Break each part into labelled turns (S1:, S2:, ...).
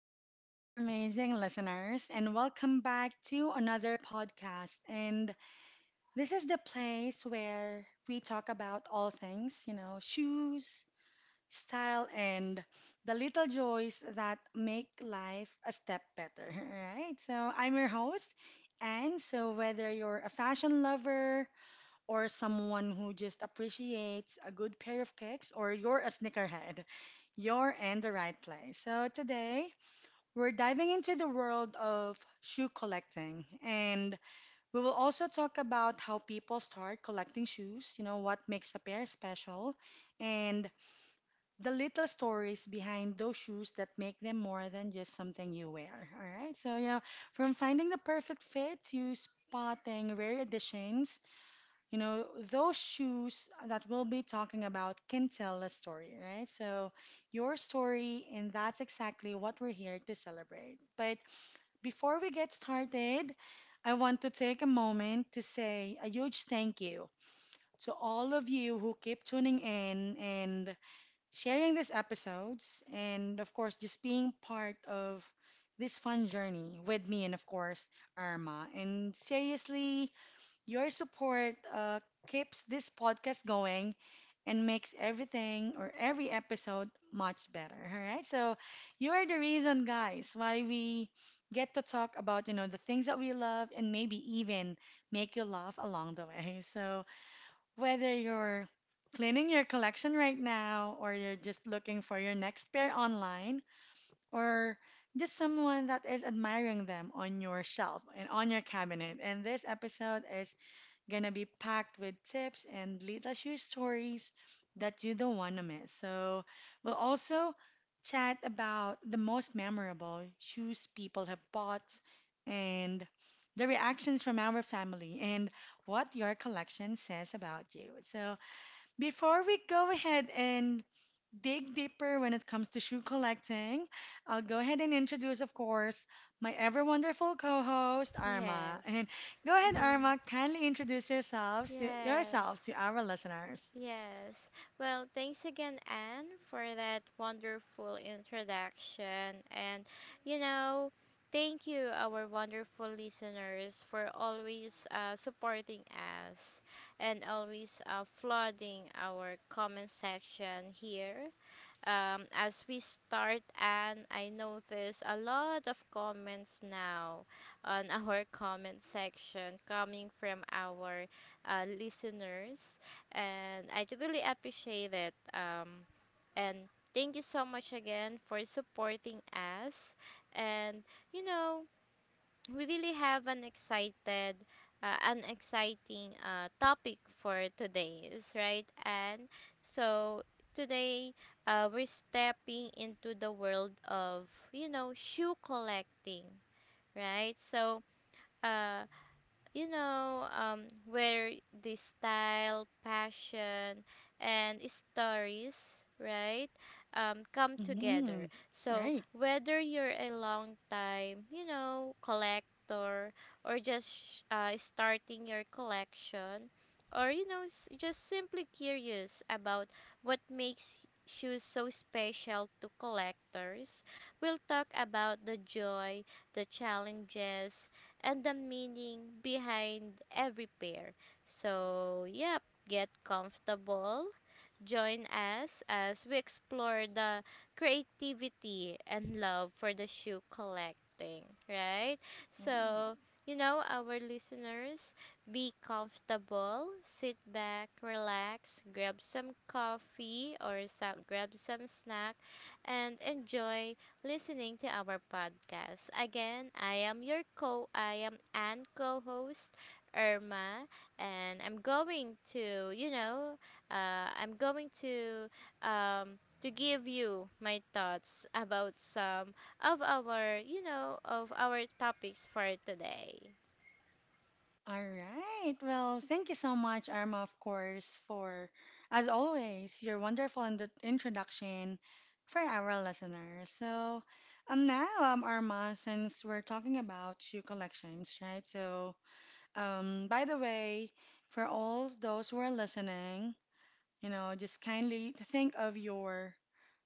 S1: there, our amazing listeners, and welcome back to another podcast. And this is the place where we talk about all things, shoes, style, and the little joys that make life a step better, right? So I'm your host, and whether you're a fashion lover or someone who just appreciates a good pair of kicks or you're a sneakerhead, you're in the right place. So today, we're diving into the world of shoe collecting, and we will also talk about how people start collecting shoes, what makes a pair special, and the little stories behind those shoes that make them more than just something you wear. All right, from finding the perfect fit to spotting rare editions, those shoes that we'll be talking about can tell a story, right? So, your story, and that's exactly what we're here to celebrate. But before we get started, I want to take a moment to say a huge thank you to all of you who keep tuning in and sharing these episodes, and of course, just being part of this fun journey with me and, of course, Arma. And seriously, your support keeps this podcast going and makes everything or every episode much better. All right. So you are the reason, guys, why we get to talk about, the things that we love and maybe even make you laugh along the way. So whether you're cleaning your collection right now or you're just looking for your next pair online or just someone that is admiring them on your shelf and on your cabinet. And this episode is gonna be packed with tips and little share stories that you don't wanna miss. So we'll also chat about the most memorable shoes people have bought and the reactions from our family and what your collection says about you. So before we go ahead and dig deeper when it comes to shoe collecting, I'll go ahead and introduce, of course, my ever wonderful co host, Arma.
S2: Yes.
S1: And go ahead,
S2: hmm
S1: Arma, kindly introduce
S2: Yes.
S1: yourself to our listeners.
S2: Yes. Well, thanks again, Anne, for that wonderful introduction. You know, Thank you, our wonderful listeners, for always supporting us and always flooding our comment section here as we start, and I notice a lot of comments now on our comment section coming from our listeners, and I really appreciate it. And thank you so much again for supporting us. And you know, we really have an exciting topic for today's right and so today we're stepping into the world of shoe collecting, right. Uh where the style, passion, and stories, right, come
S1: Hmm.
S2: together. So
S1: Right.
S2: whether you're a long time, you know, collector or just starting your collection, or you know, just simply curious about what makes shoes so special to collectors, we'll talk about the joy, the challenges and the meaning behind every pair. So, yep, get comfortable. Join us as we explore the creativity and love for the shoe collecting, right? So, you know, our listeners, be comfortable, sit back, relax, grab some coffee or grab some snack, and enjoy listening to our podcast. Again, I am and co-host Irma and I'm going to, you know, I'm going um to give you my thoughts about some of our, you know, of our topics for today.
S1: All right. Well, thank you so much, Arma, of course, for, as always, your wonderful introduction for our listeners. So, Arma, since we're talking about shoe collections, right? By the way, for all those who are listening, just kindly think of your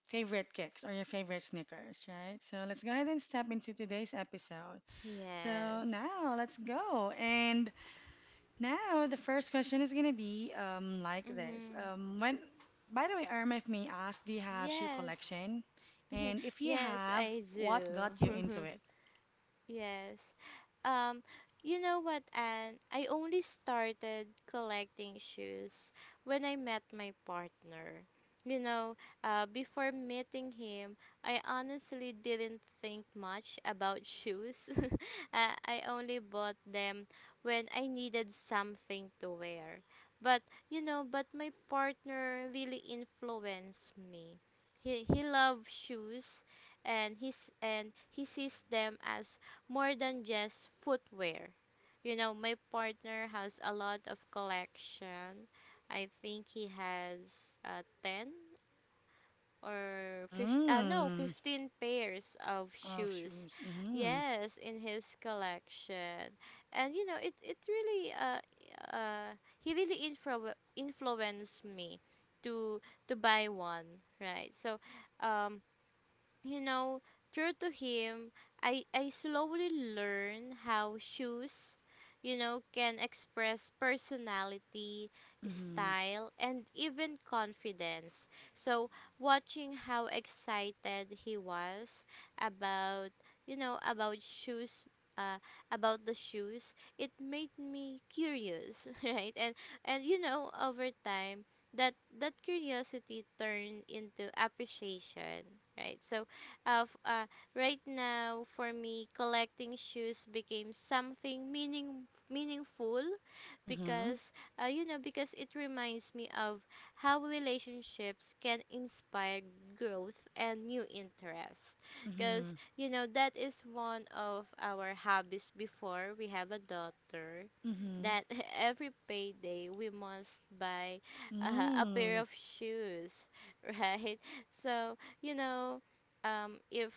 S1: favorite kicks or your favorite sneakers, right? So let's go ahead and step into today's episode. So
S2: Yes.
S1: now let's go. And now the first question is gonna be like this.
S2: Mm-hmm.
S1: When by the way, Irma, if may ask, do you have shoe
S2: Yes.
S1: collection? And if you
S2: Yes,
S1: have,
S2: I
S1: what
S2: do.
S1: got you into it?
S2: Yes. Um, you know what, Anne? I only started collecting shoes when I met my partner. You know, before meeting him, I honestly didn't think much about shoes. I only bought them when I needed something to wear. But, but my partner really influenced me. He loves shoes and he sees them as more than just footwear. You know, my partner has a lot of collection. I think he has 10 or 15, uh, no,
S1: Mm.
S2: 15 pairs of
S1: Of
S2: shoes.
S1: shoes. Mm-hmm.
S2: Yes, in his collection. And you know, it really uh he really influenced me to to buy one, right? So, um you know, true to him, I slowly learn how shoes, you know, can express personality,
S1: Mm-hmm.
S2: style, and even confidence. So, watching how excited he was about, you know, about shoes. Uh, about the shoes It made me curious. right and You know, over time, that curiosity turned into appreciation, right so uh, f- uh, right now, for me, collecting shoes became something meaningful
S1: Mm-hmm.
S2: because, you know, because it reminds me of how relationships can inspire growth and new interests, because
S1: Mhm.
S2: you know that is one of our hobbies before we have a daughter,
S1: Mhm.
S2: that every payday we must buy a pair
S1: Mm.
S2: of shoes. Right. So, you know, um if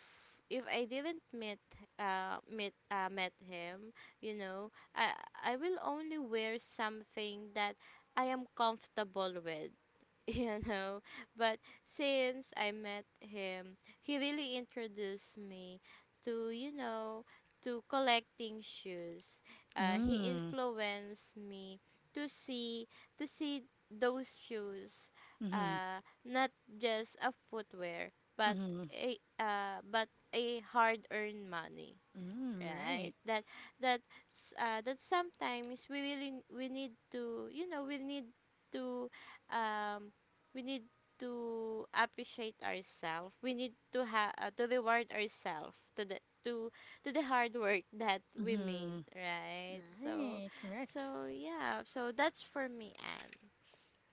S2: if I didn't meet meet met him, you know, I will only wear something that I am comfortable with. You know. But since I met him, he really introduced me to, you know, to collecting shoes. He
S1: Mm.
S2: influenced me to see those shoes,
S1: Mhm.
S2: not just a footwear, but
S1: Mhm.
S2: a uh, but a hard-earned money,
S1: Mm. Right.
S2: right. That that sometimes we really we need to, you know, to um we need to appreciate ourselves, we need to ha to reward ourselves to to the hard work that we made,
S1: Mhm.
S2: right. So
S1: Right. Correct.
S2: so yeah, so that's for me and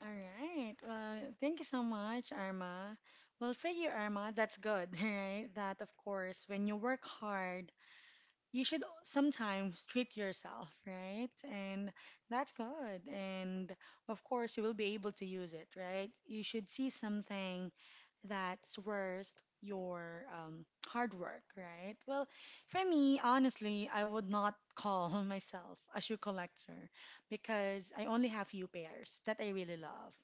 S1: All right. Well, thank you so much, Arma. Well, for you, Arma, that's good, right? That, of course, when you work hard, you should sometimes treat yourself, right? And that's good. And of course, you will be able to use it, right? You should see something that's worth your hard work, right? Well, for me, honestly, I would not call myself a shoe collector because I only have few pairs that I really love.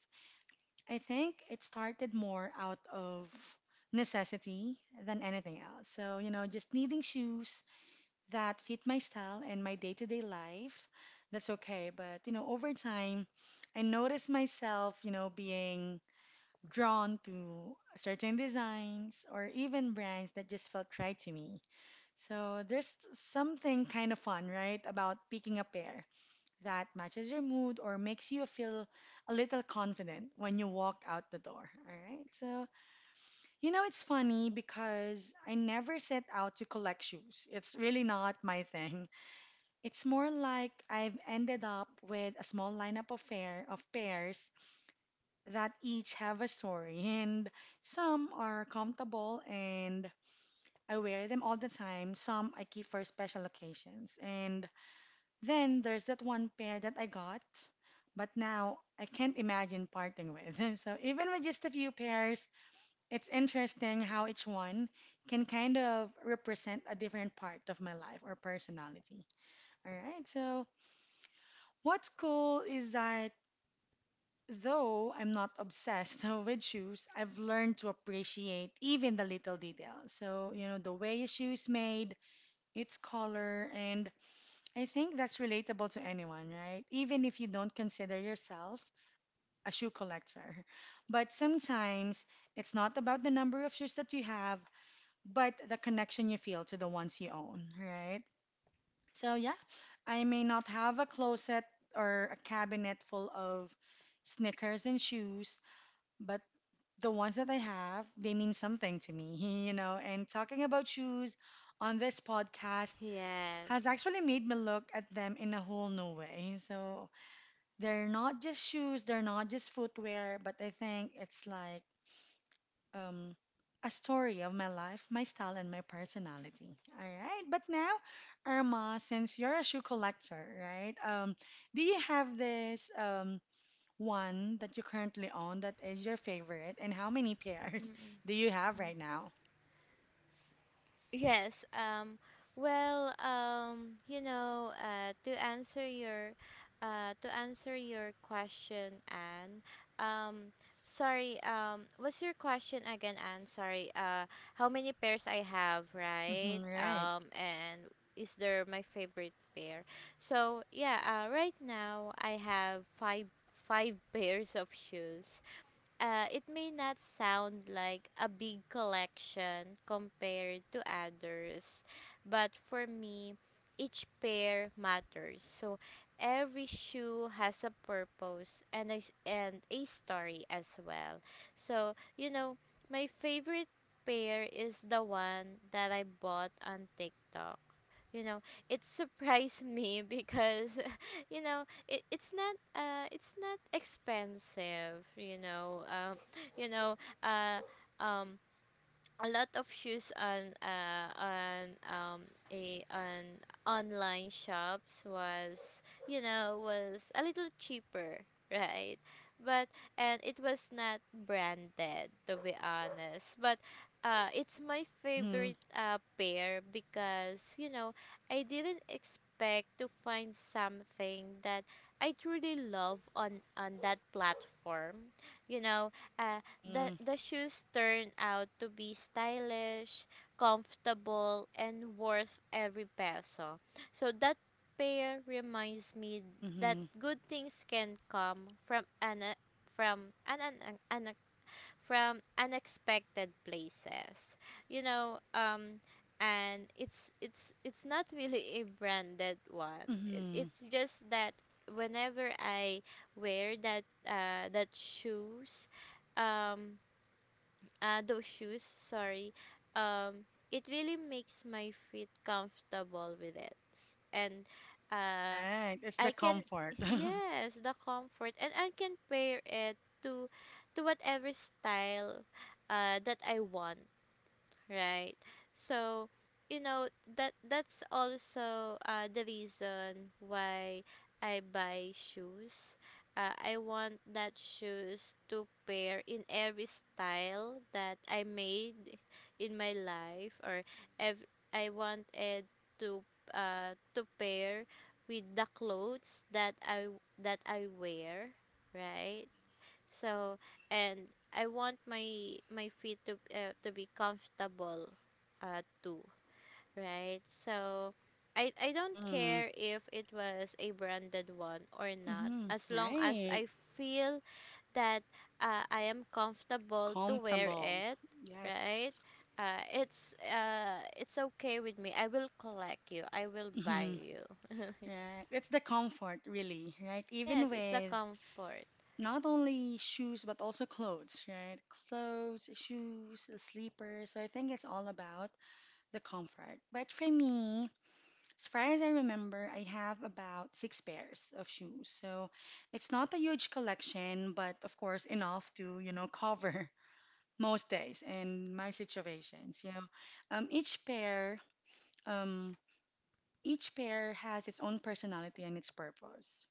S1: I think it started more out of necessity than anything else. So, just needing shoes that fit my style and my day-to-day life, that's okay. But, over time, I noticed myself, being drawn to certain designs or even brands that just felt right to me. So there's something kind of fun, right, about picking a pair that matches your mood or makes you feel a little confident when you walk out the door. All right. So, it's funny because I never set out to collect shoes. It's really not my thing. It's more like I've ended up with a small lineup of pairs that each have a story, and some are comfortable and I wear them all the time. Some I keep for special occasions. And then there's that one pair that I got, but now I can't imagine parting with. So even with just a few pairs, it's interesting how each one can kind of represent a different part of my life or personality. All right, so what's cool is that though I'm not obsessed with shoes, I've learned to appreciate even the little details. So, the way a shoe is made, its color, and I think that's relatable to anyone, right? Even if you don't consider yourself a shoe collector. But sometimes it's not about the number of shoes that you have, but the connection you feel to the ones you own, right? So, yeah, I may not have a closet or a cabinet full of sneakers and shoes, but the ones that I have, they mean something to me, you know. And talking about shoes on this podcast has
S2: Yes.
S1: actually made me look at them in a whole new way. So they're not just shoes, they're not just footwear, but I think it's like um, a story of my life, my style, and my personality. All right. But now, Irma, since you're a shoe collector, right? Do you have this? One that you currently own that is your favorite, and how many pairs do you have right now?
S2: Yes. Well, you know, to answer your question, Anne. Um, sorry. What's your question again, Anne? Sorry. How many pairs I have, right?
S1: Mm-hmm, right.
S2: And is there my favorite pair? So yeah. Right now I have five pairs of shoes. It may not sound like a big collection compared to others, but for me, each pair matters. So every shoe has a purpose and a story as well. So, you know, my favorite pair is the one that I bought on TikTok. You know, it surprised me because, you know, it's not expensive, you know. You know uh um a lot of shoes on a on online shops was, you know, was a little cheaper, right. But, and it was not branded, to be honest, but it's my
S1: Mm-hmm,
S2: favorite pair because you know I didn't expect to find something that I truly love on that platform, you know. uh,
S1: mm-hmm,
S2: the shoes turned out to be stylish, comfortable, and worth every peso. So that pair reminds me that
S1: mm-hmm,
S2: good things can come from an from unexpected places. You know, and it's it's not really a branded one.
S1: mm-hmm.
S2: It's just that whenever I wear that shoes, um those shoes, sorry, it really makes my feet comfortable with it. S- And uh,
S1: Right. It's the
S2: I can,
S1: comfort.
S2: yes, the comfort, and I can pair it to to whatever style that I want, right. So you know, that's also the reason why I buy shoes. Uh, I want that shoes to pair in every style that I made in my life, or ev- I wanted to, to pair with the clothes that I wear, right. So and I want my feet to, to be comfortable too, right? So I don't
S1: Mm-hmm,
S2: care if it was a branded one or not,
S1: mm-hmm,
S2: as long as
S1: right.
S2: I feel that, I am comfortable to wear
S1: Comfortable.
S2: it, right?
S1: Yes.
S2: It's okay with me. I will collect you. I will buy
S1: Mm-hmm,
S2: you.
S1: right. It's the comfort, really, right? Even
S2: Yes, it's the
S1: with
S2: comfort.
S1: not only shoes, but also clothes, right? Clothes, shoes, sleepers. So I think it's all about the comfort. But for me, as far as I remember, I have about six pairs of shoes. So it's not a huge collection, but of course enough to, cover most days and my situations. Um, each pair, um, each pair has its own personality and its purpose,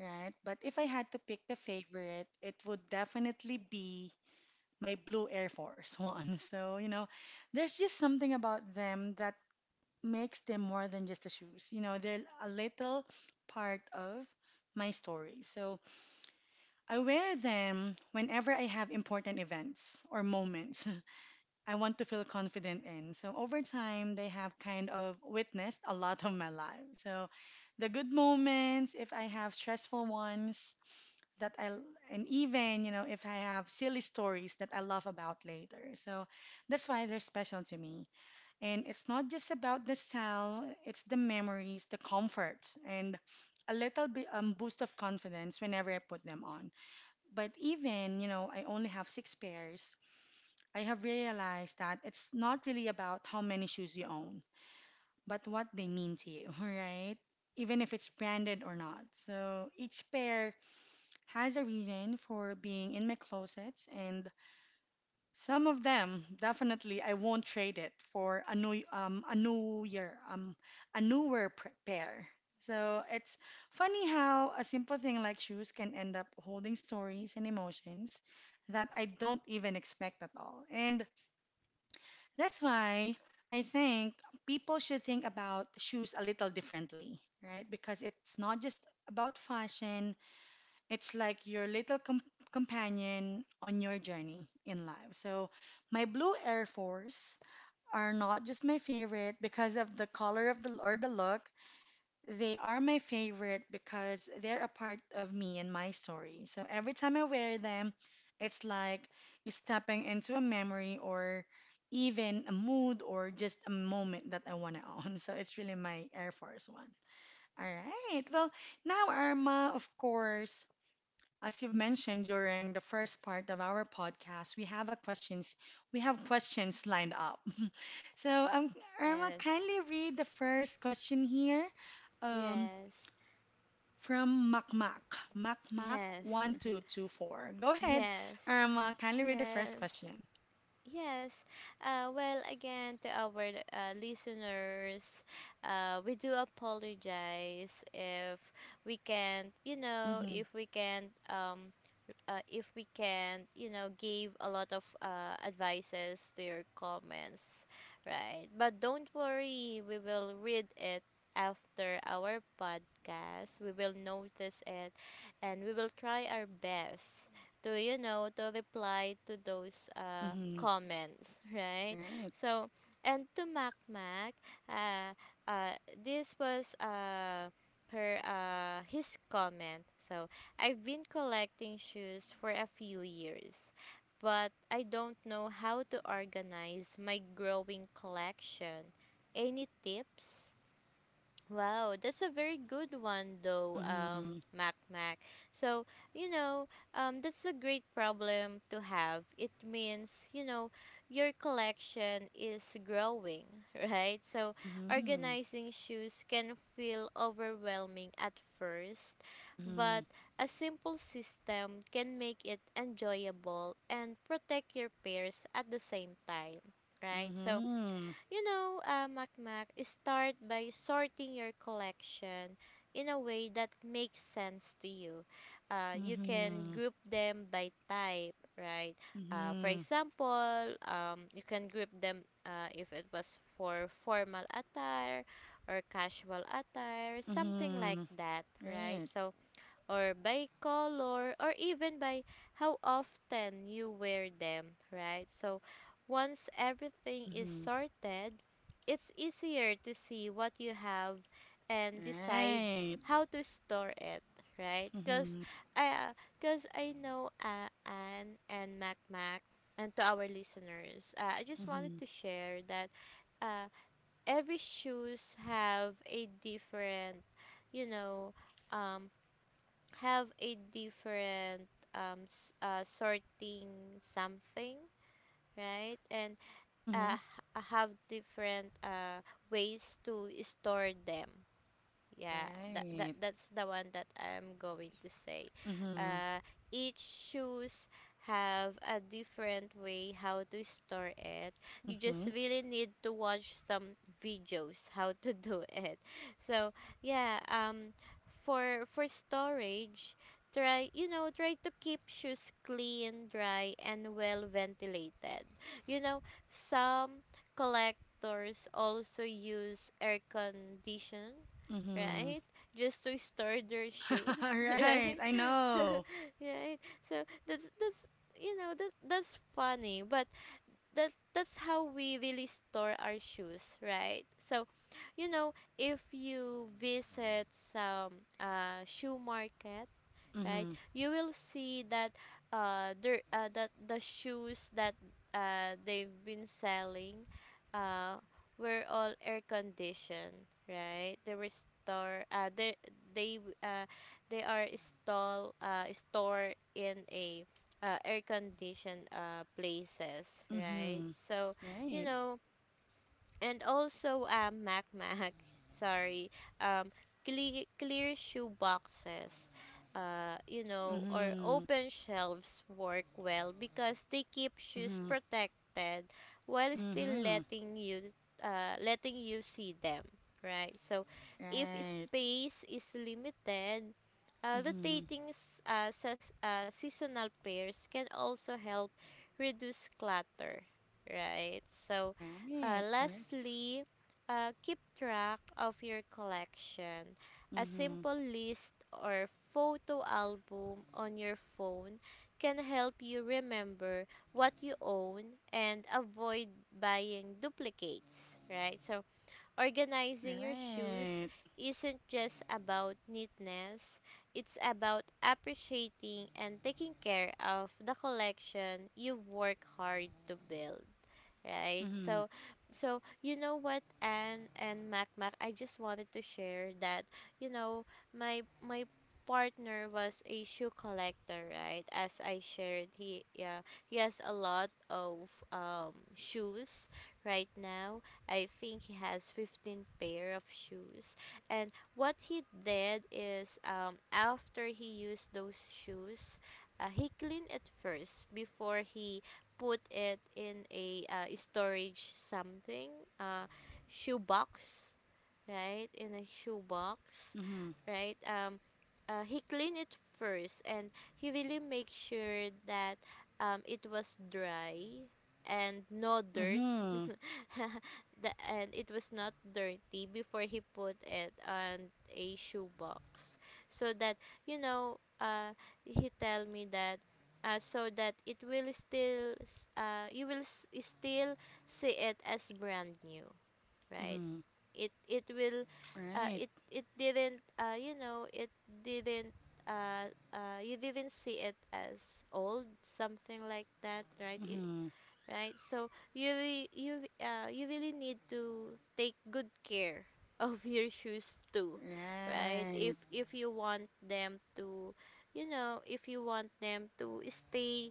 S1: right? But if I had to pick a favorite, it would definitely be my blue Air Force one. So, there's just something about them that makes them more than just the shoes. You know, they're a little part of my story. So I wear them whenever I have important events or moments I want to feel confident in. So over time, they have kind of witnessed a lot of my life. So the good moments, if I have stressful ones that I and even, if I have silly stories that I laugh about later. So that's why they're special to me. And it's not just about the style, it's the memories, the comfort, and a little bit boost of confidence whenever I put them on. But even, I only have six pairs, I have realized that it's not really about how many shoes you own, but what they mean to you, right? Even if it's branded or not. So each pair has a reason for being in my closets, and some of them, definitely, I won't trade it for a new year a newer pr- pair. So it's funny how a simple thing like shoes can end up holding stories and emotions that I don't even expect at all. And that's why I think people should think about shoes a little differently, right? Because it's not just about fashion, it's like your little companion on your journey in life. So, my blue Air Force are not just my favorite because of the color of the or the look. They are my favorite because they're a part of me and my story. So every time I wear them, it's like you're stepping into a memory or even a mood or just a moment that I want to own. So it's really my Air Force one. All right. Well, now Irma, of course. As you've mentioned during the first part of our podcast, we have questions lined up. So, Irma,
S2: Yes.
S1: kindly read the first question here, um,
S2: Yes.
S1: from Makmak
S2: Yes.
S1: 1224. Go ahead,
S2: Yes.
S1: Irma. Kindly read the first
S2: Yes,
S1: question.
S2: yes. Well, again, to our listeners, we do apologize if we can't, you know,
S1: Mm-hmm.
S2: if we can't, if we can, you know, give a lot of advices to your comments, right? But don't worry, we will read it after our podcast. We will notice it and we will try our best to, you know, to reply to those
S1: Mm-hmm.
S2: comments, right?
S1: Right.
S2: So, and to Mac Mac, uh, uh, this was her his comment. So I've been collecting shoes for a few years, but I don't know how to organize my growing collection. Any tips? Wow, that's a very good one though,
S1: Mm-hmm.
S2: Mac Mac. So, you know, that's a great problem to have. It means, you know, your collection is growing, right? So,
S1: Mm-hmm.
S2: organizing shoes can feel overwhelming at first,
S1: Mm-hmm.
S2: but a simple system can make it enjoyable and protect your pairs at the same time, right? So,
S1: Mm-hmm.
S2: you know, Makmak, start by sorting your collection in a way that makes sense to you. You can
S1: Mm-hmm.
S2: group them by type, right? For
S1: Mm-hmm.
S2: example, you can group them, if it was for formal attire or casual attire, something like
S1: Mm-hmm.
S2: that, right?
S1: Right.
S2: So, or by color or even by how often you wear them, right? So once everything is
S1: Mm-hmm.
S2: sorted, it's easier to see what you have and decide
S1: Right.
S2: how to store it, right? Because
S1: Mhm.
S2: I, because I know, Anne and Mac Mac and to our listeners, I just wanted
S1: Mhm.
S2: to share that uh, every shoes have a different, you know, um, have a different sorting something, right. And
S1: Mhm.
S2: have different ways to store them, yeah. That
S1: Right.
S2: that's the one that I'm going to say.
S1: Mhm.
S2: uh each shoes have a different way how to store it. You just
S1: Mhm.
S2: really need to watch some videos how to do it. So yeah, for storage, try, you know, try to keep shoes clean, dry and well ventilated. You know, some collectors also use air condition,
S1: Mhm.
S2: right? Just to store their shoes,
S1: Right.
S2: right?
S1: I
S2: So,
S1: know.
S2: right? So that's, you know, that's funny, but that's how we really store our shoes, right? So, you know, if you visit some shoe market, right,
S1: Mhm.
S2: you will see that there that the shoes that they've been selling uh, were all air conditioned, right. They were store they uh, they are stall store in a, air conditioned, places, right.
S1: Mhm.
S2: So, you
S1: Right.
S2: know, and also, Mac Mac, sorry, um, clear shoe boxes, you know, or
S1: Mhm.
S2: open shelves work well because they keep shoes
S1: Mhm.
S2: protected while still
S1: Mhm.
S2: letting you see them, right? So, if
S1: Right.
S2: space is limited,
S1: Mhm.
S2: rotating seasonal pairs can also help reduce clutter, right? So,
S1: Right. Correct.
S2: lastly, keep track of your collection. A
S1: Mhm.
S2: simple list or photo album on your phone can help you remember what you own and avoid buying duplicates, right? So, organizing your shoes
S1: Right.
S2: isn't just about neatness, it's about appreciating and taking care of the collection you work hard to build, right?
S1: Mhm.
S2: So, what, Anne and Mac Mac, I just wanted to share that you know my partner was a shoe collector, right? As I shared, he, yeah, he has a lot of shoes right now. I think he has 15 pair of shoes, and what he did is, after he used those shoes, he cleaned it first before he put it in a storage something, uh, shoebox, right, in a shoebox,
S1: Mhm.
S2: right. He cleaned it first and he really make sure that it was dry and no dirt.
S1: Mhm.
S2: And it was not dirty before he put it on a shoebox so that, you know uh he tell me that, so that it will you will still see it as brand new, right.
S1: Mhm.
S2: It will, uh,
S1: Right.
S2: it it didn't, it didn't, uh, you didn't see it as old, something like that.
S1: Mhm.
S2: Right, so you really need to take good care of your shoes too, right? If,
S1: Right.
S2: you want them to, if you want them to stay,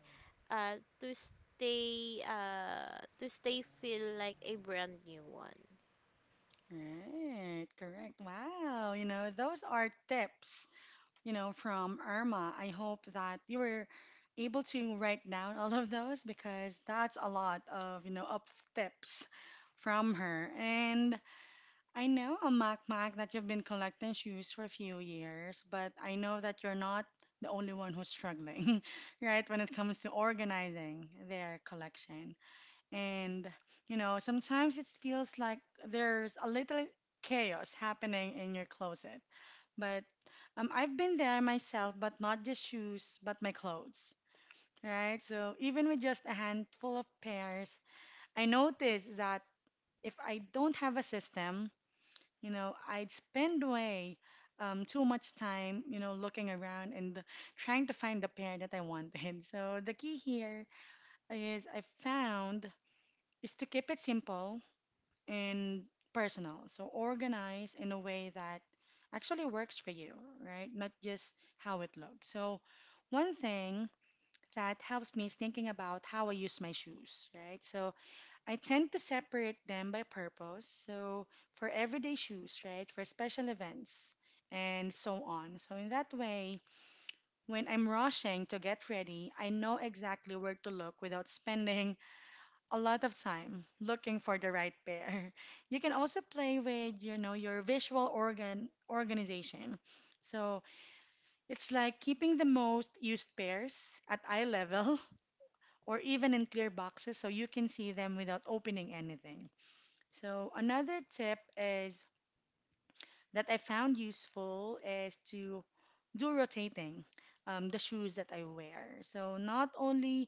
S2: uh to stay, feel like a brand new one.
S1: Right. Correct. Wow. You know, those are tips, from Irma. I hope that you were able to write down all of those because that's a lot of, tips from her. And I know, Mac Mac, that you've been collecting shoes for a few years, but I know that you're not the only one who's struggling, right, when it comes to organizing their collection. And, you know, sometimes it feels like there's a little chaos happening in your closet. But I've been there myself, but not just shoes, but my clothes, right? So even with just a handful of pairs, I noticed that if I don't have a system, you know, I'd spend way too much time, you know, looking around and trying to find the pair that I wanted. So the key here is I found is to keep it simple and personal. So organize in a way that actually works for you, right? Not just how it looks. So one thing that helps me is thinking about how I use my shoes, right? So I tend to separate them by purpose. So for everyday shoes, right? For special events and so on. So in that way, when I'm rushing to get ready, I know exactly where to look without spending a lot of time looking for the right pair. You can also play with, you know, your visual organization. So it's like keeping the most used pairs at eye level or even in clear boxes so you can see them without opening anything. So another tip is that I found useful is to do rotating the shoes that I wear. So not only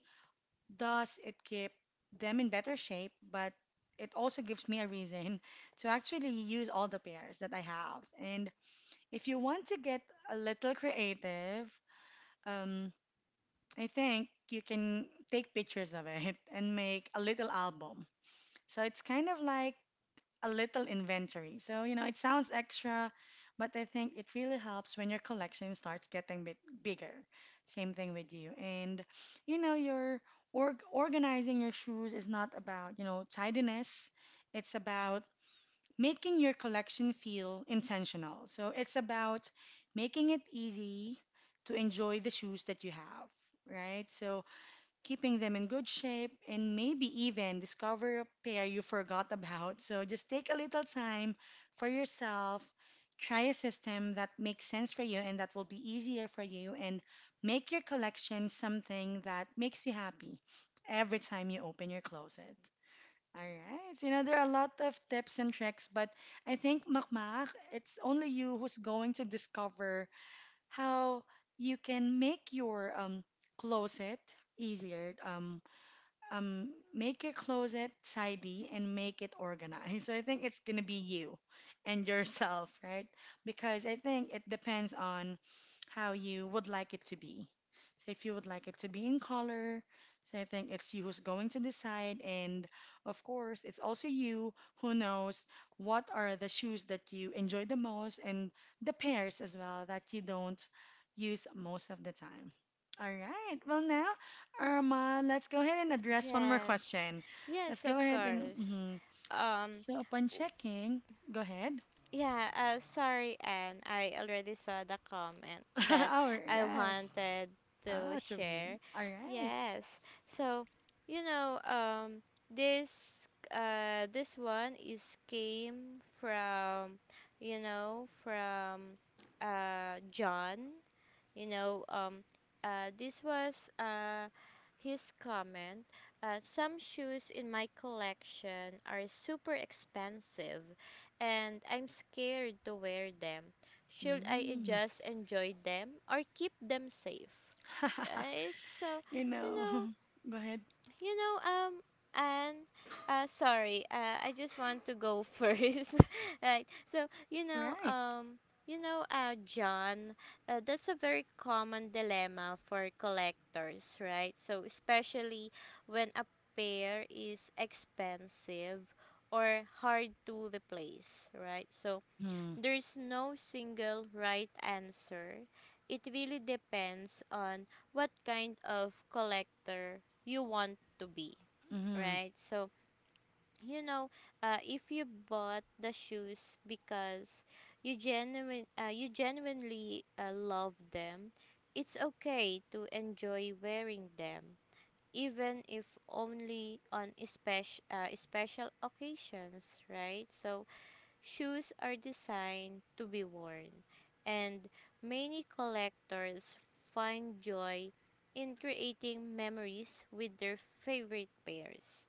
S1: does it keep them in better shape? But it also gives me a reason to actually use all the pairs that I have. And if you want to get a little creative, um, I think you can take pictures of it and make a little album. So it's kind of like a little inventory. So, you know, it sounds extra, but I think it really helps when your collection starts getting bit bigger. Same thing with you. And, you know, your organizing your shoes is not about, you know, tidiness. It's about making your collection feel intentional. So it's about making it easy to enjoy the shoes that you have, right? So keeping them in good shape, and maybe even discover a pair you forgot about. So just take a little time for yourself, try a system that makes sense for you and that will be easier for you, and make your collection something that makes you happy every time you open your closet. All right. So, you know, there are a lot of tips and tricks, but I think, Makmak, it's only you who's going to discover how you can make your closet easier. Um, Make your closet tidy and make it organized. So I think it's gonna be you and yourself, right? Because I think it depends on how you would like it to be. So if you would like it to be in color, so I think it's you who's going to decide. And of course, it's also you who knows what are the shoes that you enjoy the most and the pairs as well that you don't use most of the time. All right. Well, now Irma, let's go ahead and address one more
S2: Yes,
S1: question. Let's
S2: yes, of
S1: go ahead and
S2: course.
S1: mhm.
S2: Um,
S1: So upon
S2: w-
S1: checking, go ahead.
S2: yeah, sorry, Anne. I already saw the comment that
S1: Our
S2: I
S1: yes.
S2: wanted to
S1: Ah, to read.
S2: share.
S1: All right.
S2: Yes, so you know, um, this this one is came from, from John. You know, um, this was, his comment. Some shoes in my collection are super expensive, and I'm scared to wear them. Should I,
S1: Mm.
S2: just enjoy them or keep them safe? Right? So,
S1: You
S2: you
S1: know.
S2: know,
S1: Go ahead.
S2: you know and sorry, I just want to go first, right? So
S1: All right.
S2: john, that's a very common dilemma for collectors, right? So especially when a pair is expensive or hard to replace, right? So
S1: Mhm.
S2: there's no single right answer. It really depends on what kind of collector you want to be,
S1: Mhm.
S2: right? So, you know, if you bought the shoes because you genuinely love them, it's okay to enjoy wearing them, even if only on special occasions, right? So, shoes are designed to be worn, and many collectors find joy in creating memories with their favorite pairs.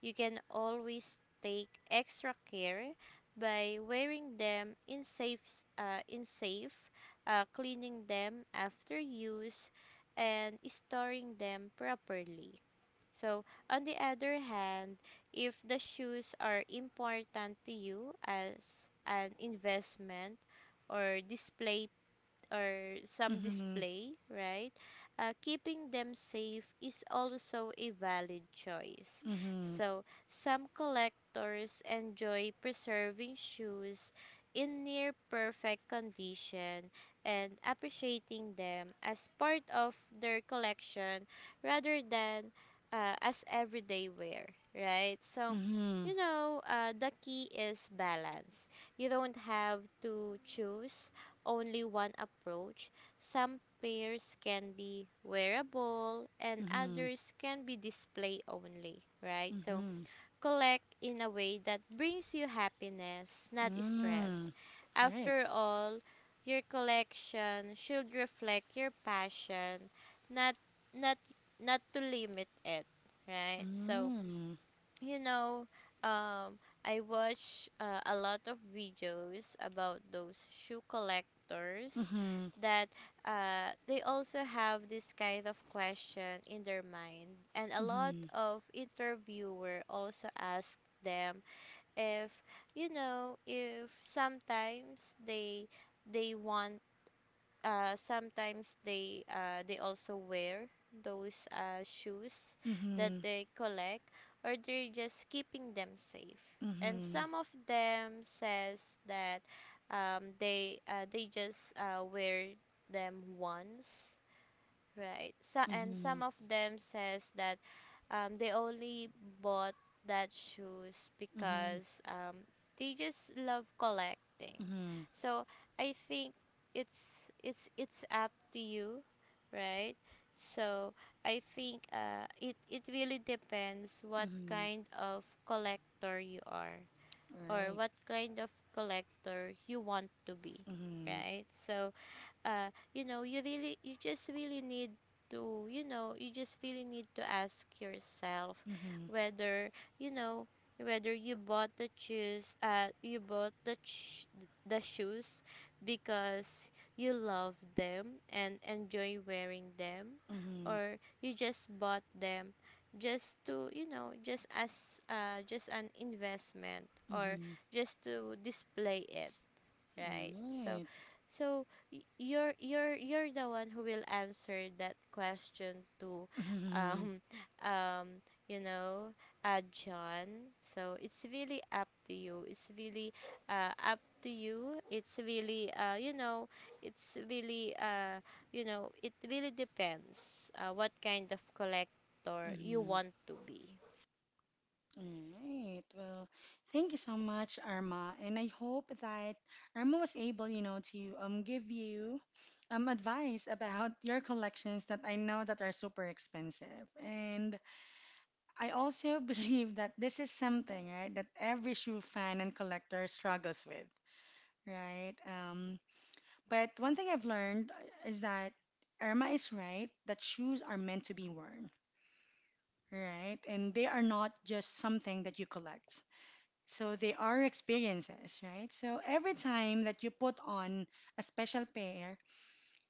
S2: You can always take extra care by wearing them in safe, cleaning them after use, and storing them properly. So, on the other hand, if the shoes are important to you as an investment or display or some
S1: Mhm.
S2: display, right? Keeping them safe is also a valid choice.
S1: Mhm.
S2: So, some collectors enjoy preserving shoes in near perfect condition and appreciating them as part of their collection rather than, as everyday wear, right? So, the key is balance. You don't have to choose only one approach. Some pairs can be wearable and
S1: Mhm. Mhm.
S2: others can be display only, right? So
S1: Mhm.
S2: collect in a way that brings you happiness, not
S1: Mm.
S2: stress.
S1: Right.
S2: After all, your collection should reflect your passion, not not not to limit it, right? So
S1: Mm.
S2: you know, um, I watch, a lot of videos about those shoe collectors
S1: Mhm.
S2: that, they also have this kind of question in their mind, and a lot
S1: Mhm.
S2: of interviewer also ask them if, if sometimes they, want, sometimes they also wear those, shoes that
S1: Mhm.
S2: they collect, or they're just keeping them safe, and
S1: Mhm.
S2: some of them says that, they just, wear them once. Right. So,
S1: Mhm.
S2: and some
S1: Mhm.
S2: of them says that, they only bought that shoes because, they just love collecting.
S1: Mhm.
S2: So I think it's up to you, right? So I think, it really depends what
S1: Mhm.
S2: kind of collector you are, or
S1: Right.
S2: what kind of collector you want to be,
S1: Mm-hmm.
S2: right? So you know you really you just really need to you know you just really need to ask yourself
S1: Mm-hmm.
S2: whether, you know whether you bought the shoes, you bought the ch- the shoes because you love them and enjoy wearing them,
S1: Mm-hmm.
S2: or you just bought them just to, just as, just an investment, or
S1: Mm-hmm.
S2: just to display it. Right. So,
S1: Right.
S2: so you're the one who will answer that question to,
S1: Mm-hmm.
S2: um um you know John. So it's really up to you. It's really up to you. It's really it's really, it really depends, what kind of collector you
S1: Mm-hmm.
S2: want to be.
S1: Right. Well, thank you so much, Arma. And I hope that Arma was able, you know, to give you advice about your collections that I know that are super expensive. And I also believe that this is something, right, that every shoe fan and collector struggles with. Right. But one thing I've learned is that Irma is right that shoes are meant to be worn, right? And they are not just something that you collect. So they are experiences, right? So every time that you put on a special pair,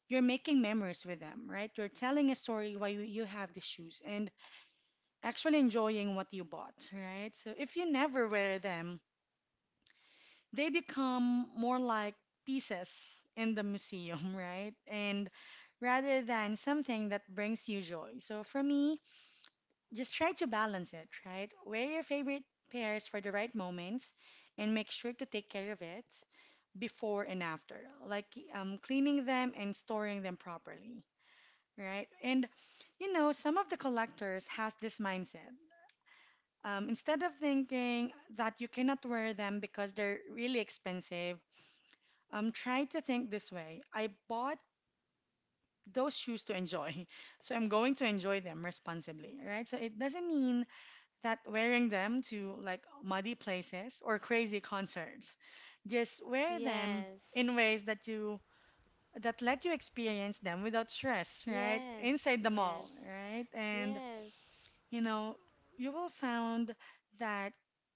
S1: you're making memories with them, right? You're telling a story why you have the shoes and actually enjoying what you bought, right? So if you never wear them, they become more like pieces in the museum, right? And rather than something that brings you joy. So for me, just try to balance it, right? Wear your favorite pairs for the right moments and make sure to take care of it before and after, like cleaning them and storing them properly, right? And you know, some of the collectors has this mindset. Instead of thinking that you cannot wear them because they're really expensive, I'm trying to think this way. I bought those shoes to enjoy, so I'm going to enjoy them responsibly, right? So it doesn't mean that wearing them to like muddy places or crazy concerts. Just wear them in
S2: Yes.
S1: ways that you that let you experience them without stress, right?
S2: Yes.
S1: Inside the mall,
S2: Yes.
S1: right? And
S2: Yes.
S1: you know, you will find that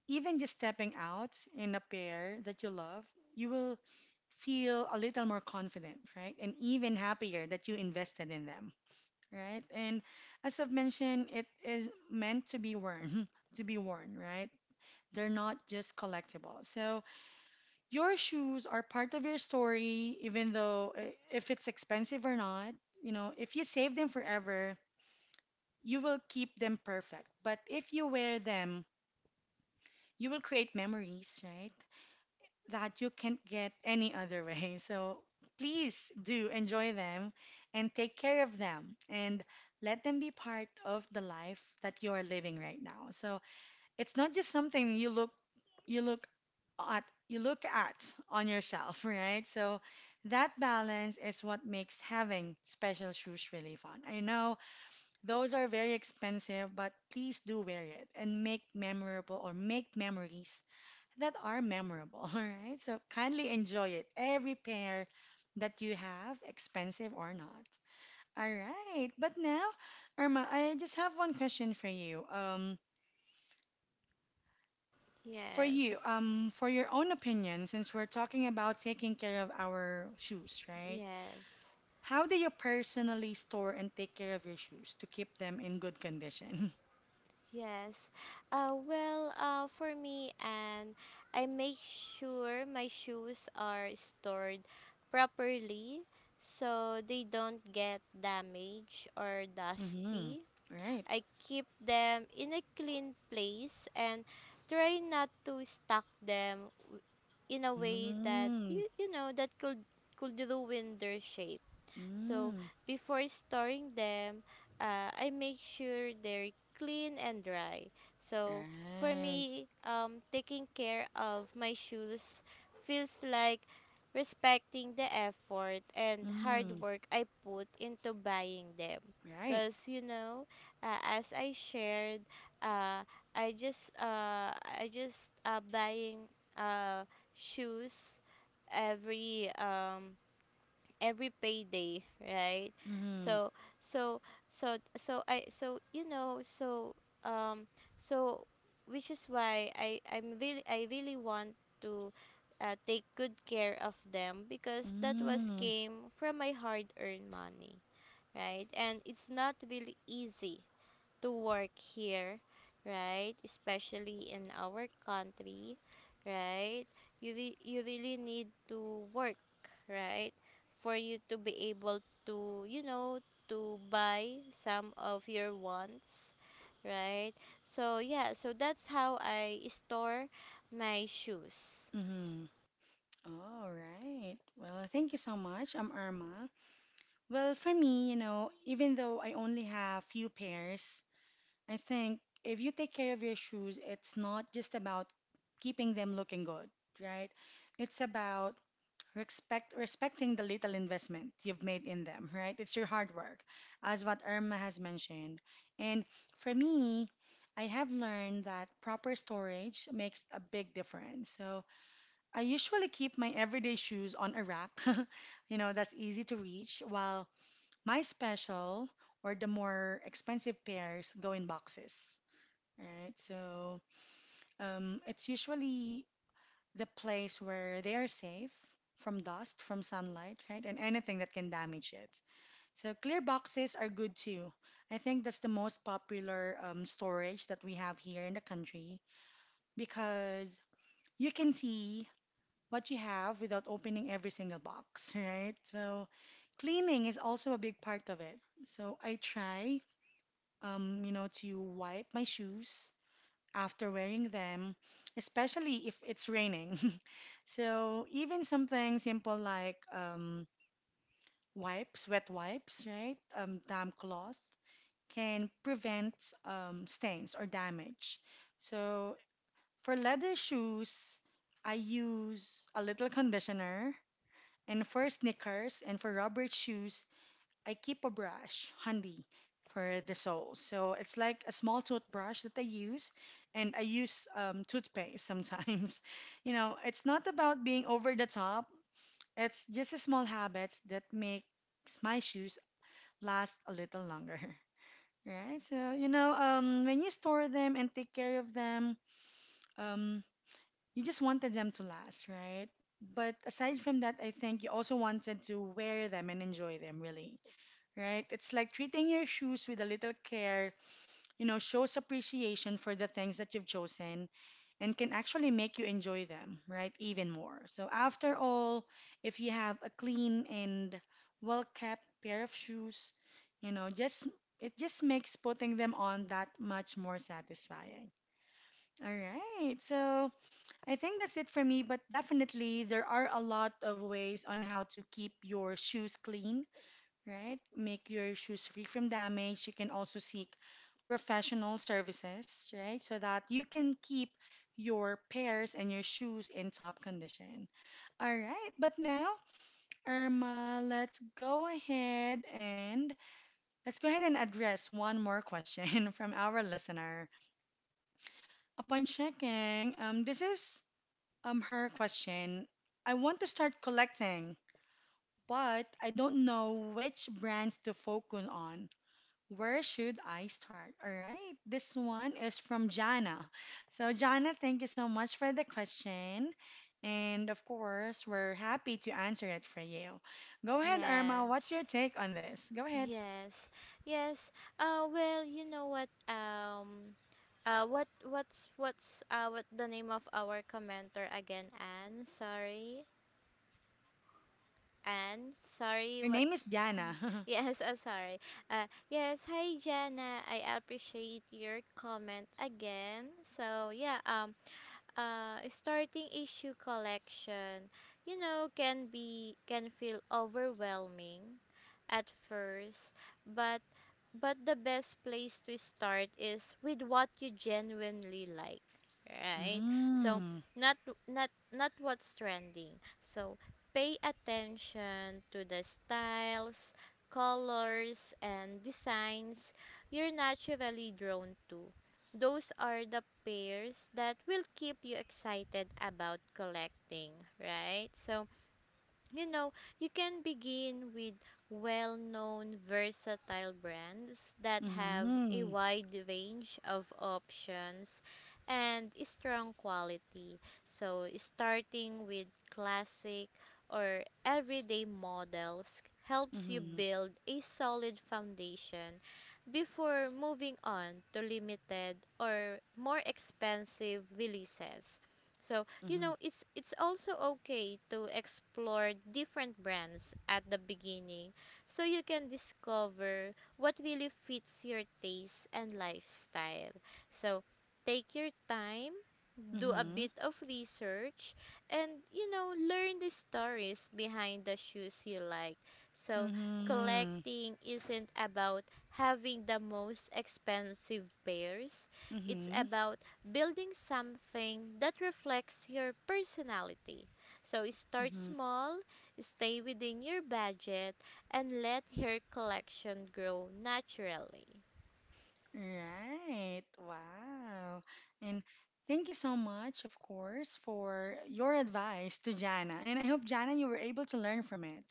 S1: even just stepping out in a pair that you love, you will feel a little more confident, right? And even happier that you invested in them, right? And as I've mentioned, it is meant to be worn, to be worn, right? They're not just collectible. So your shoes are part of your story, even though if it's expensive or not, you know, if you save them forever, you will keep them perfect. But if you wear them you will create memories, right? That you can't get any other way. So please do enjoy them and take care of them and let them be part of the life that you are living right now. So it's not just something you look you look at on yourself, right? So that balance is what makes having special shoes really fun. I know those are very expensive, but please do wear it and make memories that are memorable, right? So kindly enjoy it, every pair that you have, expensive or not. All right. But now, Irma, I just have one question for you. For you,
S2: Yes.
S1: for your own opinion, since we're talking about taking care of our shoes, right?
S2: Yes,
S1: How do you personally store and take care of your shoes to keep them in good condition?
S2: yes. For me, and I make sure my shoes are stored properly so they don't get damaged or
S1: Mm-hmm.
S2: dusty.
S1: Right.
S2: I keep them in a clean place and try not to stack them, in a way that
S1: Mm,
S2: you know, that could ruin their shape. So
S1: mm,
S2: before storing them, I make sure they're clean and dry. So for
S1: right.
S2: me, taking care of my shoes feels like respecting the effort and hard
S1: Mm,
S2: work I put into buying them.
S1: right.
S2: Cause you know, as I shared, uh, I just buying, uh, shoes every, every payday, right?
S1: Mm.
S2: So so so so I so you know so um so which is why I really want to, take good care of them because that was
S1: Mm,
S2: came from my hard earned money, right? And it's not really easy to work here, right? Especially in our country, right? You really need to work, right? For you to be able to, you know, to buy some of your wants, right? So yeah, so that's how I store my shoes.
S1: mm-hmm. All right. Well, thank you so much. I'm Irma. Well, for me, you know, even though I only have few pairs, I think if you take care of your shoes, it's not just about keeping them looking good, right? It's about respecting the little investment you've made in them, right? It's your hard work, as what Irma has mentioned. And for me, I have learned that proper storage makes a big difference. So I usually keep my everyday shoes on a rack, you know, that's easy to reach, while my special or the more expensive pairs go in boxes. All right, so it's usually the place where they are safe from dust, from sunlight, right, and anything that can damage it. So clear boxes are good too. I think that's the most popular storage that we have here in the country because you can see what you have without opening every single box, right? So cleaning is also a big part of it. So I try, you know, to wipe my shoes after wearing them, especially if it's raining. So even something simple like wet wipes, right? Damp cloth can prevent stains or damage. So for leather shoes, I use a little conditioner. And for sneakers and for Robert's shoes, I keep a brush handy for the soles. So it's like a small toothbrush that I use, and I use toothpaste sometimes. You know, it's not about being over the top, it's just a small habits that makes my shoes last a little longer. Right? So, you know, when you store them and take care of them, um, you just wanted them to last, right? But aside from that, I think you also wanted to wear them and enjoy them, really, right? It's like treating your shoes with a little care, you know, shows appreciation for the things that you've chosen and can actually make you enjoy them, right? Even more. So, after all, if you have a clean and well kept pair of shoes, you know, just it just makes putting them on that much more satisfying. All right. So, I think that's it for me, but definitely there are a lot of ways on how to keep your shoes clean, right? Make your shoes free from damage. You can also seek professional services, right? So that you can keep your pairs and your shoes in top condition. All right, but now, Irma, let's go ahead and address one more question from our listener. Upon checking, this is her question. I want to start collecting, but I don't know which brands to focus on. Where should I start? All right. This one is from Jana. So, Jana, thank you so much for the question. And of course, we're happy to answer it for you. Go ahead, Irma. What's your
S2: Yes.
S1: take on this? Go ahead.
S2: Yes. Yes. You know what what's what the name of our commenter again? Anne, sorry, Anne, sorry.
S1: Her name
S2: What's...
S1: is
S2: Mhm.
S1: Jana.
S2: Yes, sorry. Yes. Hi, Jana. I appreciate your comment again. So yeah, starting issue collection, you know, can feel overwhelming at first, but, the best place to start is with what you genuinely like, right? So
S1: Mm.
S2: not not what's trending. So pay attention to the styles, colors and designs you're naturally drawn to. Those are the pairs that will keep you excited about collecting, right? So you know, you can begin with well known versatile brands that have a
S1: Mm-hmm.
S2: wide range of options and strong quality. So, starting with classic or everyday models helps you
S1: Mm-hmm.
S2: build a solid foundation before moving on to limited or more expensive releases. So, you
S1: Mm-hmm.
S2: know, it's also okay to explore different brands at the beginning, so you can discover what really fits your taste and lifestyle. So take your time, do a
S1: Mm-hmm.
S2: bit of research, and you know, learn the stories behind the shoes you like. So
S1: Mm-hmm.
S2: collecting isn't about having the most expensive pairs, it's about building something that reflects your personality. So start
S1: Mm-hmm.
S2: small, stay within your budget, and let your collection grow naturally.
S1: Right. Wow. And thank you so much, of course, for your advice to Jana. And I hope, Jana, you were able to learn from it.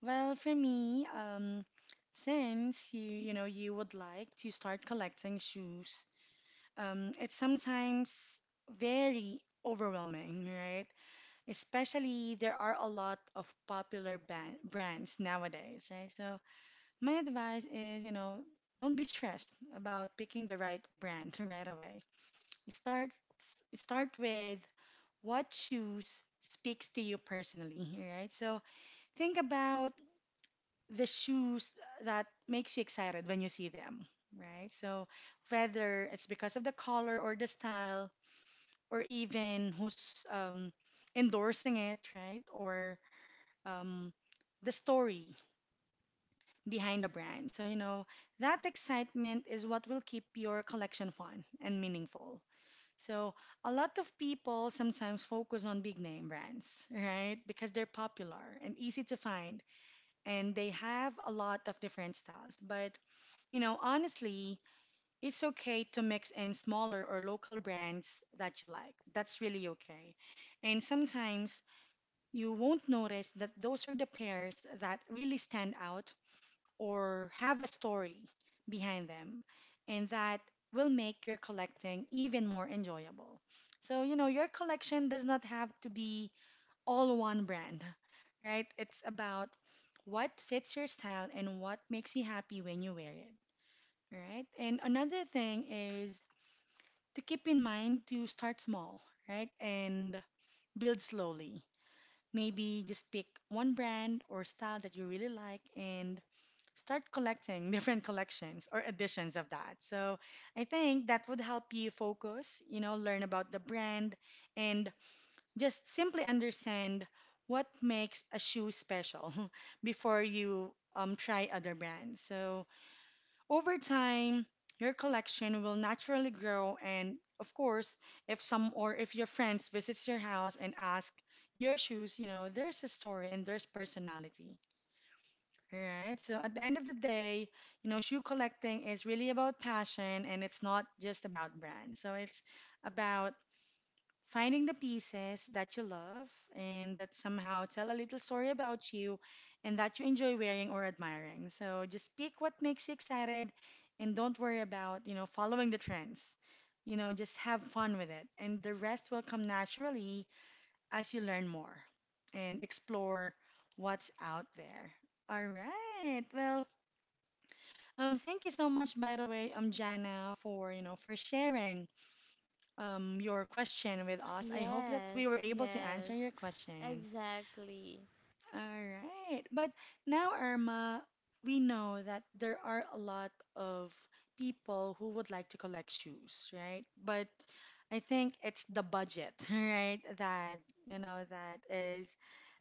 S1: Well, for me, since you, you would like to start collecting shoes, it's sometimes very overwhelming, right? Especially there are a lot of popular ban brands nowadays, right? So my advice is, you know, don't be stressed about picking the right brand right away. Start start with what shoes speaks to you personally, right? So think about the shoes that makes you excited when you see them, right? So whether it's because of the color or the style or even who's endorsing it, right? Or um, the story behind a brand. So, you know, that excitement is what will keep your collection fun and meaningful. So, a lot of people sometimes focus on big name brands, right? Because they're popular and easy to find and they have a lot of different styles. But, you know, honestly, it's okay to mix in smaller or local brands that you like. That's really okay. And sometimes you won't notice that those are the pairs that really stand out or have a story behind them, and that will make your collecting even more enjoyable. So, you know, your collection does not have to be all one brand, right? It's about what fits your style and what makes you happy when you wear it, right? And another thing is to keep in mind to start small, right? And build slowly. Maybe just pick one brand or style that you really like and start collecting different collections or editions of that. So I think that would help you focus, you know, learn about the brand and just simply understand what makes a shoe special before you try other brands. So over time, your collection will naturally grow and of course, if some or if your friends visits your house and ask your shoes, you know, there's a story and there's personality. All right. So at the end of the day, you know, shoe collecting is really about passion and it's not just about brands. So it's about finding the pieces that you love and that somehow tell a little story about you and that you enjoy wearing or admiring. So just pick what makes you excited and don't worry about, you know, following the trends. You know, just have fun with it and the rest will come naturally as you learn more and explore what's out there. All right. Well, thank you so much, by the way, Jana, for sharing your question with us. I hope that we
S2: Yes,
S1: were able to answer your
S2: yes,
S1: question.
S2: exactly.
S1: All right. But now, Irma, we know that there are a lot of people who would like to collect shoes, right? But I think it's the budget, right? That you know that is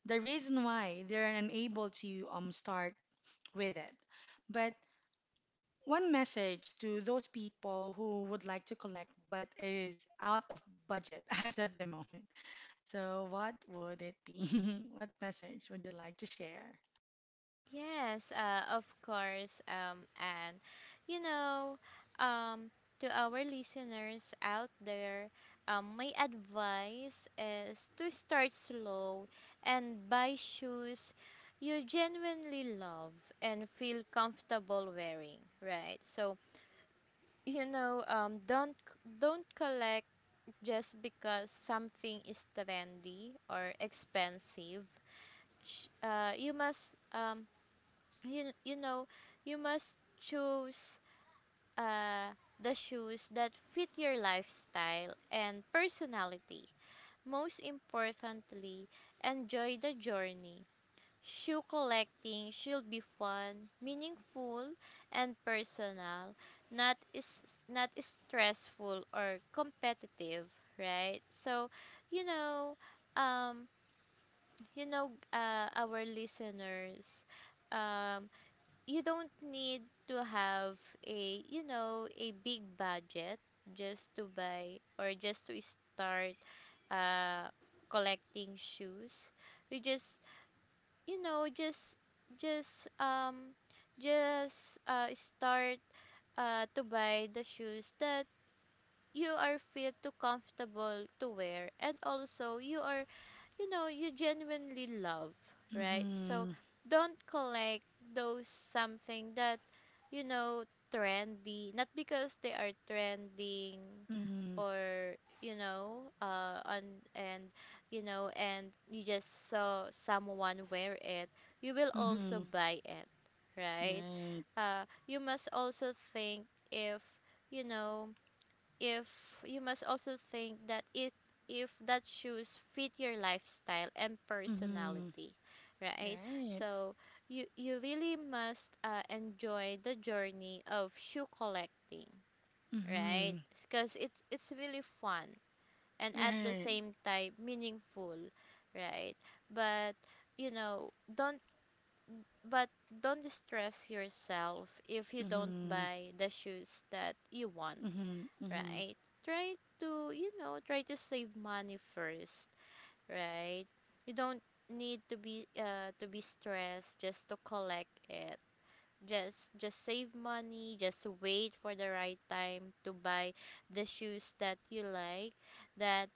S1: the reason why they're unable to start with it. But one message to those people who would like to collect but is out of budget as of the moment. So, what would it be? What message would you like to share?
S2: Yes, of course. And you know, um, to our listeners out there, my advice is to start slow and buy shoes you genuinely love and feel comfortable wearing. Right. So you know, don't collect just because something is trendy or expensive. Ch- you must you you know You must choose, uh the shoes that fit your lifestyle and personality. Most importantly, enjoy the journey. Shoe collecting should be fun, meaningful, and personal, not is not stressful or competitive, right? So you know um our listeners, um you don't need to have, a you know a big budget, just to buy or just to start, uh collecting shoes. You just, you know just just um start, to buy the shoes that you are feel too comfortable to wear, and also you are, you know, you genuinely love, right? So
S1: Mm-hmm.
S2: don't collect those something that, you know, trendy, not because they are trending,
S1: Mm-hmm.
S2: or you know uh on and you know, and you just saw someone wear it, you will
S1: Mm-hmm.
S2: also buy it, right?
S1: Right.
S2: You must also think if, you know, if you must also think that it, if that shoes fit your lifestyle and
S1: Mm-hmm.
S2: personality, right?
S1: Right.
S2: So you really must, enjoy the journey of shoe collecting,
S1: Mm-hmm.
S2: right? Because it's, really fun, and at the
S1: Right.
S2: same time meaningful, right? But you know don't but don't distress yourself if you don't
S1: Mm-hmm.
S2: buy the shoes that you want,
S1: Mm-hmm. Mm-hmm.
S2: right? Try to, you know, try to save money first, right? You don't need to be, stressed just to collect it. Just save money, just wait for the right time to buy the shoes that you like that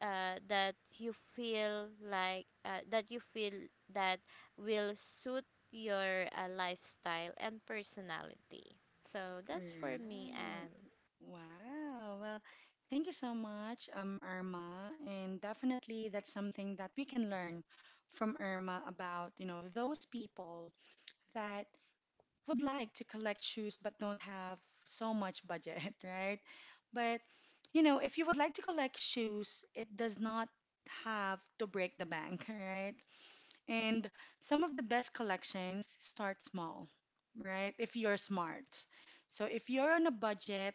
S2: that you feel like that you feel that will suit your lifestyle and personality. So that's for me
S1: Mm.
S2: and
S1: Wow. Well, thank you so much, Irma. And definitely that's something that we can learn from Irma about, you know, those people that would like to collect shoes but don't have so much budget, right? But, you know, if you would like to collect shoes, it does not have to break the bank, right? And some of the best collections start small, right? If you're smart. So if you're on a budget,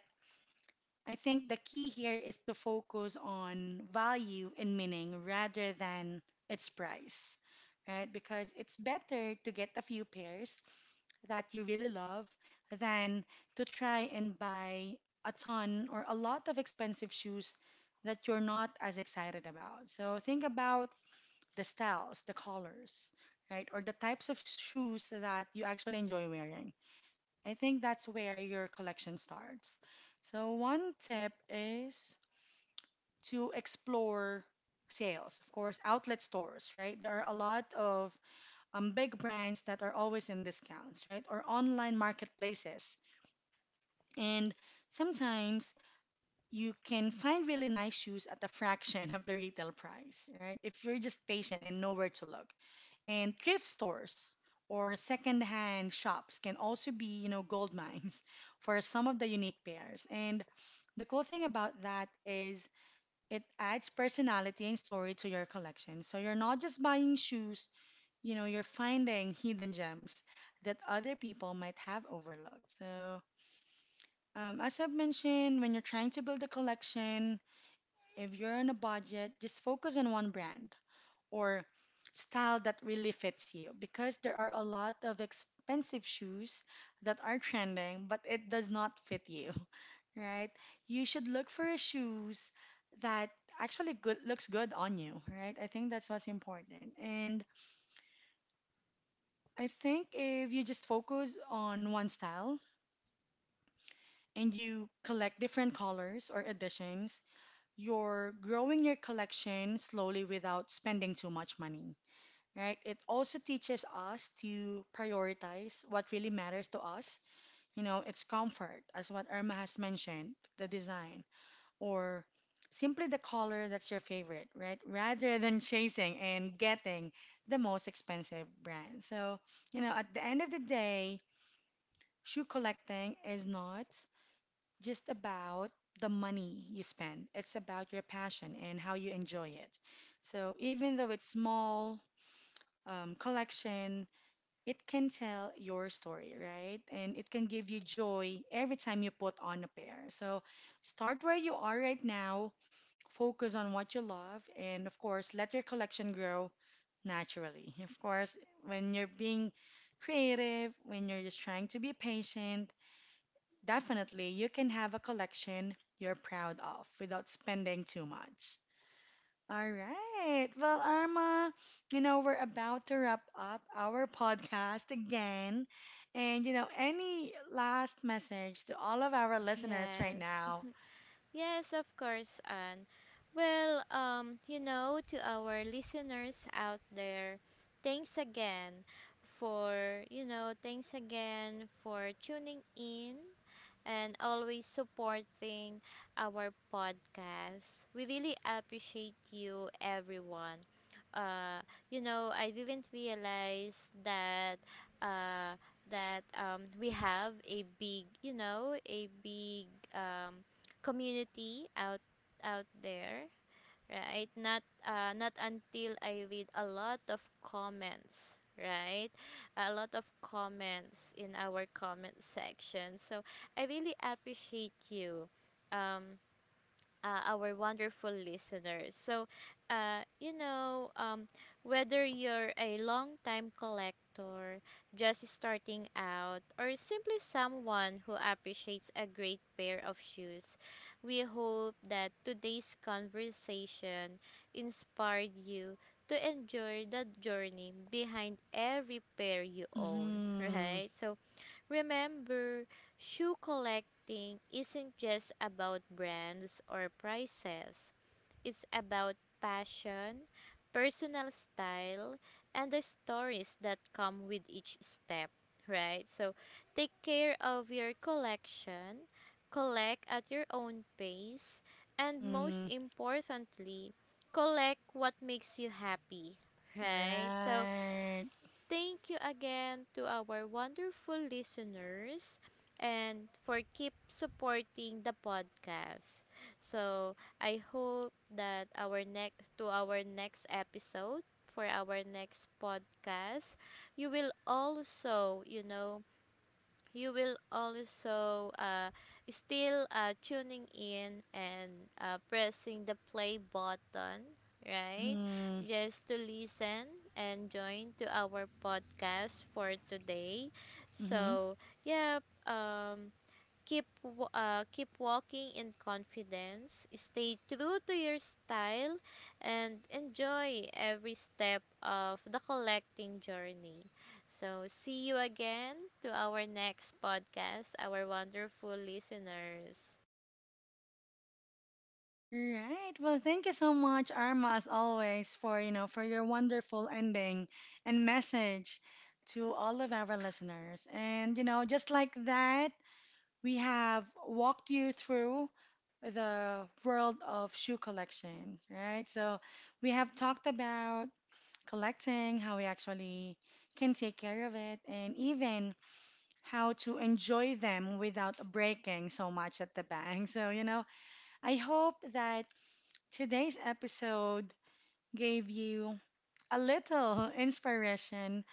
S1: I think the key here is to focus on value and meaning rather than its price, right? Because it's better to get a few pairs that you really love than to try and buy a ton or a lot of expensive shoes that you're not as excited about. So think about the styles, the colors, right? Or the types of shoes that you actually enjoy wearing. I think that's where your collection starts. So, one tip is to explore sales, of course, outlet stores, right? There are a lot of big brands that are always in discounts, right? Or online marketplaces. And sometimes you can find really nice shoes at a fraction of the retail price, right? If you're just patient and know where to look. And thrift stores or secondhand shops can also be, you know, gold mines for some of the unique pairs. And the cool thing about that is it adds personality and story to your collection. So you're not just buying shoes, you know, you're finding hidden gems that other people might have overlooked. So, as I've mentioned, when you're trying to build a collection, if you're on a budget, just focus on one brand or style that really fits you because there are a lot of expensive shoes that are trending but it does not fit you right? You should look for a shoes that actually good looks good on you, right? I think that's what's important. And I think if you just focus on one style and you collect different colors or editions, you're growing your collection slowly without spending too much money, right? It also teaches us to prioritize what really matters to us. You know, it's comfort, as what Irma has mentioned, the design, or simply the color that's your favorite, right? Rather than chasing and getting the most expensive brand. So, you know, at the end of the day, shoe collecting is not just about the money you spend, it's about your passion and how you enjoy it. So, even though it's small, collection, it can tell your story, right? And it can give you joy every time you put on a pair. So start where you are right now, focus on what you love, and of course, let your collection grow naturally. Of course, when you're being creative, when you're just trying to be patient, definitely you can have a collection you're proud of without spending too much. All right. Well, Arma, you know, we're about to wrap up our podcast again. And, you know, any last message to all of our listeners right
S2: yes.
S1: now?
S2: Yes, of course, Anne. Well, you know, to our listeners out there, thanks again for tuning in and always supporting our podcast. We really appreciate you, everyone. Uh, you know, I didn't realize that uh, we have a big um, community out there, right? Not until I read a lot of comments, right? A lot of comments in our comment section. So I really appreciate you. Um, our wonderful listeners. So, uh, you know, um, whether you're a long-time collector, just starting out, or simply someone who appreciates a great pair of shoes, we hope that today's conversation inspired you to enjoy the journey behind every pair you own,
S1: Mm-hmm.
S2: right? So, remember, shoe collecting isn't just about brands or prices, it's about passion, personal style, and the stories that come with each step, right? So take care of your collection, collect at your own pace, and most
S1: Mm-hmm.
S2: importantly, collect what makes you happy, right? So
S1: Right.
S2: thank you again to our wonderful listeners and for keep supporting the podcast. So, I hope that our next episode for our next podcast, you will also, you know, you will also still tuning in and pressing the play button, right,
S1: Mm-hmm.
S2: just to listen and join to our podcast for today.
S1: Mm-hmm.
S2: So yeah. um keep walking in confidence, stay true to your style, and enjoy every step of the collecting journey. So see you again to our next podcast, our wonderful listeners.
S1: Right. Well, thank you so much, Arma, as always, for, you know, for your wonderful ending and message to all of our listeners. And, you know, just like that, we have walked you through the world of shoe collections, right? So we have talked about collecting, how we actually can take care of it, and even how to enjoy them without breaking so much at the bank. So, you know, I hope that today's episode gave you a little inspiration,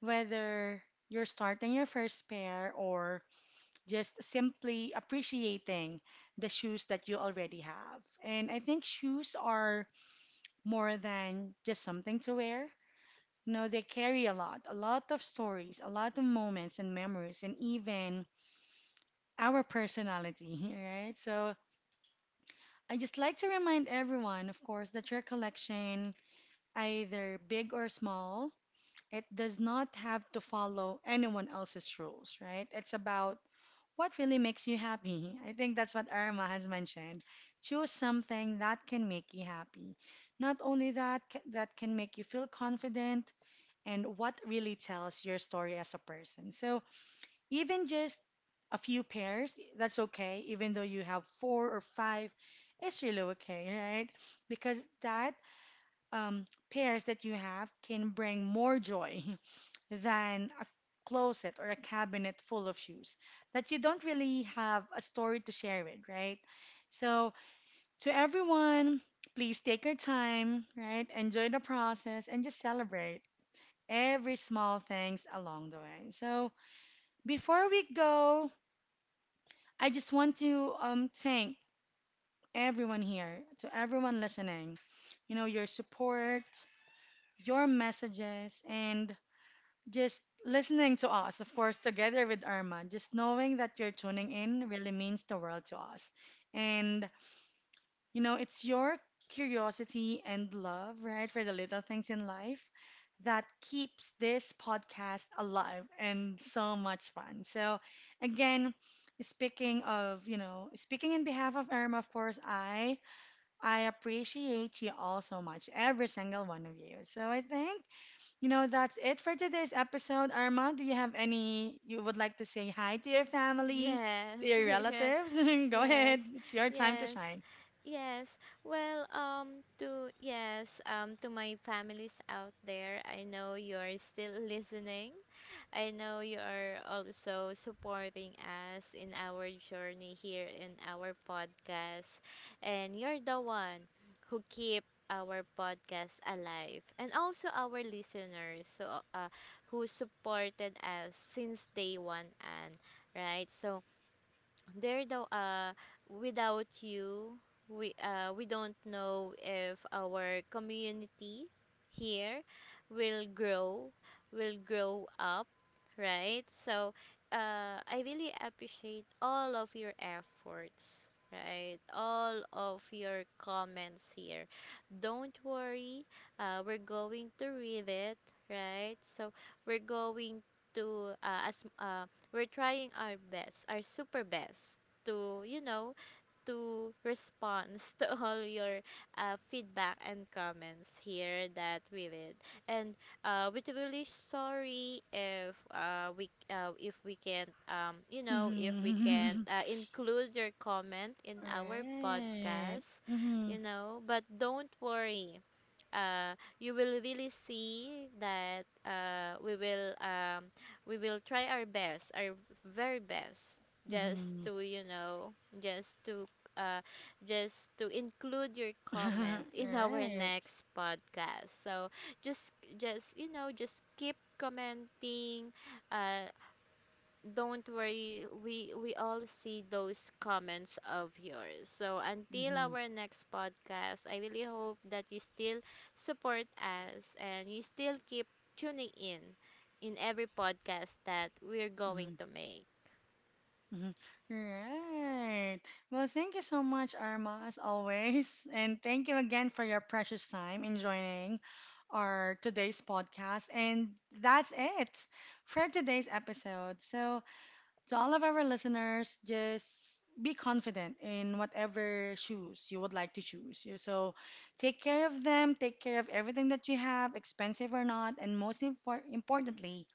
S1: whether you're starting your first pair or just simply appreciating the shoes that you already have. And I think shoes are more than just something to wear. No, they carry a lot of stories, a lot of moments and memories, and even our personality, right? So I just like to remind everyone, of course, that your collection, either big or small, it does not have to follow anyone else's rules, right? It's about what really makes you happy? I think that's what Irma has mentioned. Choose something that can make you happy. Not only that, that can make you feel confident and what really tells your story as a person. So even just a few pairs, that's okay. Even though you have four or five, it's really okay, right? Because that um, pairs that you have can bring more joy than a closet or a cabinet full of shoes that you don't really have a story to share with, right? So, to everyone, please take your time, right? Enjoy the process and just celebrate every small things along the way. So, before we go, I just want to thank everyone here, to everyone listening. You know, your support, your messages, and just listening to us, of course, together with Irma. Just knowing that you're tuning in really means the world to us. And, you know, it's your curiosity and love, right, for the little things in life that keeps this podcast alive and so much fun. So, again, speaking of, you know, speaking in behalf of Irma, of course, I appreciate you all so much, every single one of you. So I think you know, that's it for today's episode. Armand, do you have any you would like to say hi to your family, to
S2: Yes.
S1: your
S2: Yeah.
S1: relatives? Go
S2: Yes,
S1: ahead. It's your time to
S2: yes,
S1: shine.
S2: yes. Well, to yes, to my families out there, I know you're still listening. I know you are also supporting us in our journey here in our podcast, and you're the one who keep our podcast alive, and also our listeners, so, who supported us since day one, and right. So there though without you, we don't know if our community here will grow, will grow up. Right? So I really appreciate all of your efforts, right, all of your comments here. Don't worry, we're going to read it, right? So we're going to as we're trying our best, our super best to, you know, to respond to all your feedback and comments here that we read. And we're really sorry if we if we can you know, if we can
S1: Mm-hmm.
S2: include your comment in our
S1: Right.
S2: podcast,
S1: Mm-hmm.
S2: you know. But don't worry, you will really see that we will try our best, our very best, just
S1: Mm-hmm.
S2: to you know, just to uh, just to include your comment in our
S1: Right.
S2: next podcast. So just just you know, just keep commenting, uh, don't worry, we all see those comments of yours. So until
S1: Mm-hmm.
S2: our next podcast, I really hope that you still support us and you still keep tuning in every podcast that we're going to make.
S1: Mhm. Right. Well, thank you so much, Arma, as always. And thank you again for your precious time in joining our today's podcast. And that's it for today's episode. So, to all of our listeners, just be confident in whatever shoes you would like to choose. You- So, take care of them, take care of everything that you have, expensive or not, and most importantly,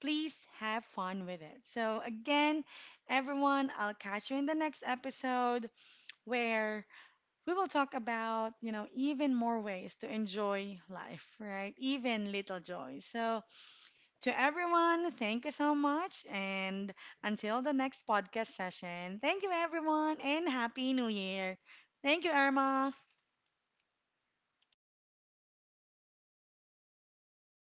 S1: please have fun with it. So, again, everyone, I'll catch you in the next episode where we will talk about, you know, even more ways to enjoy life, right? Even little joys. So, to everyone, thank you so much. And until the next podcast session, thank you, everyone, and Happy New Year. Thank you, Irma.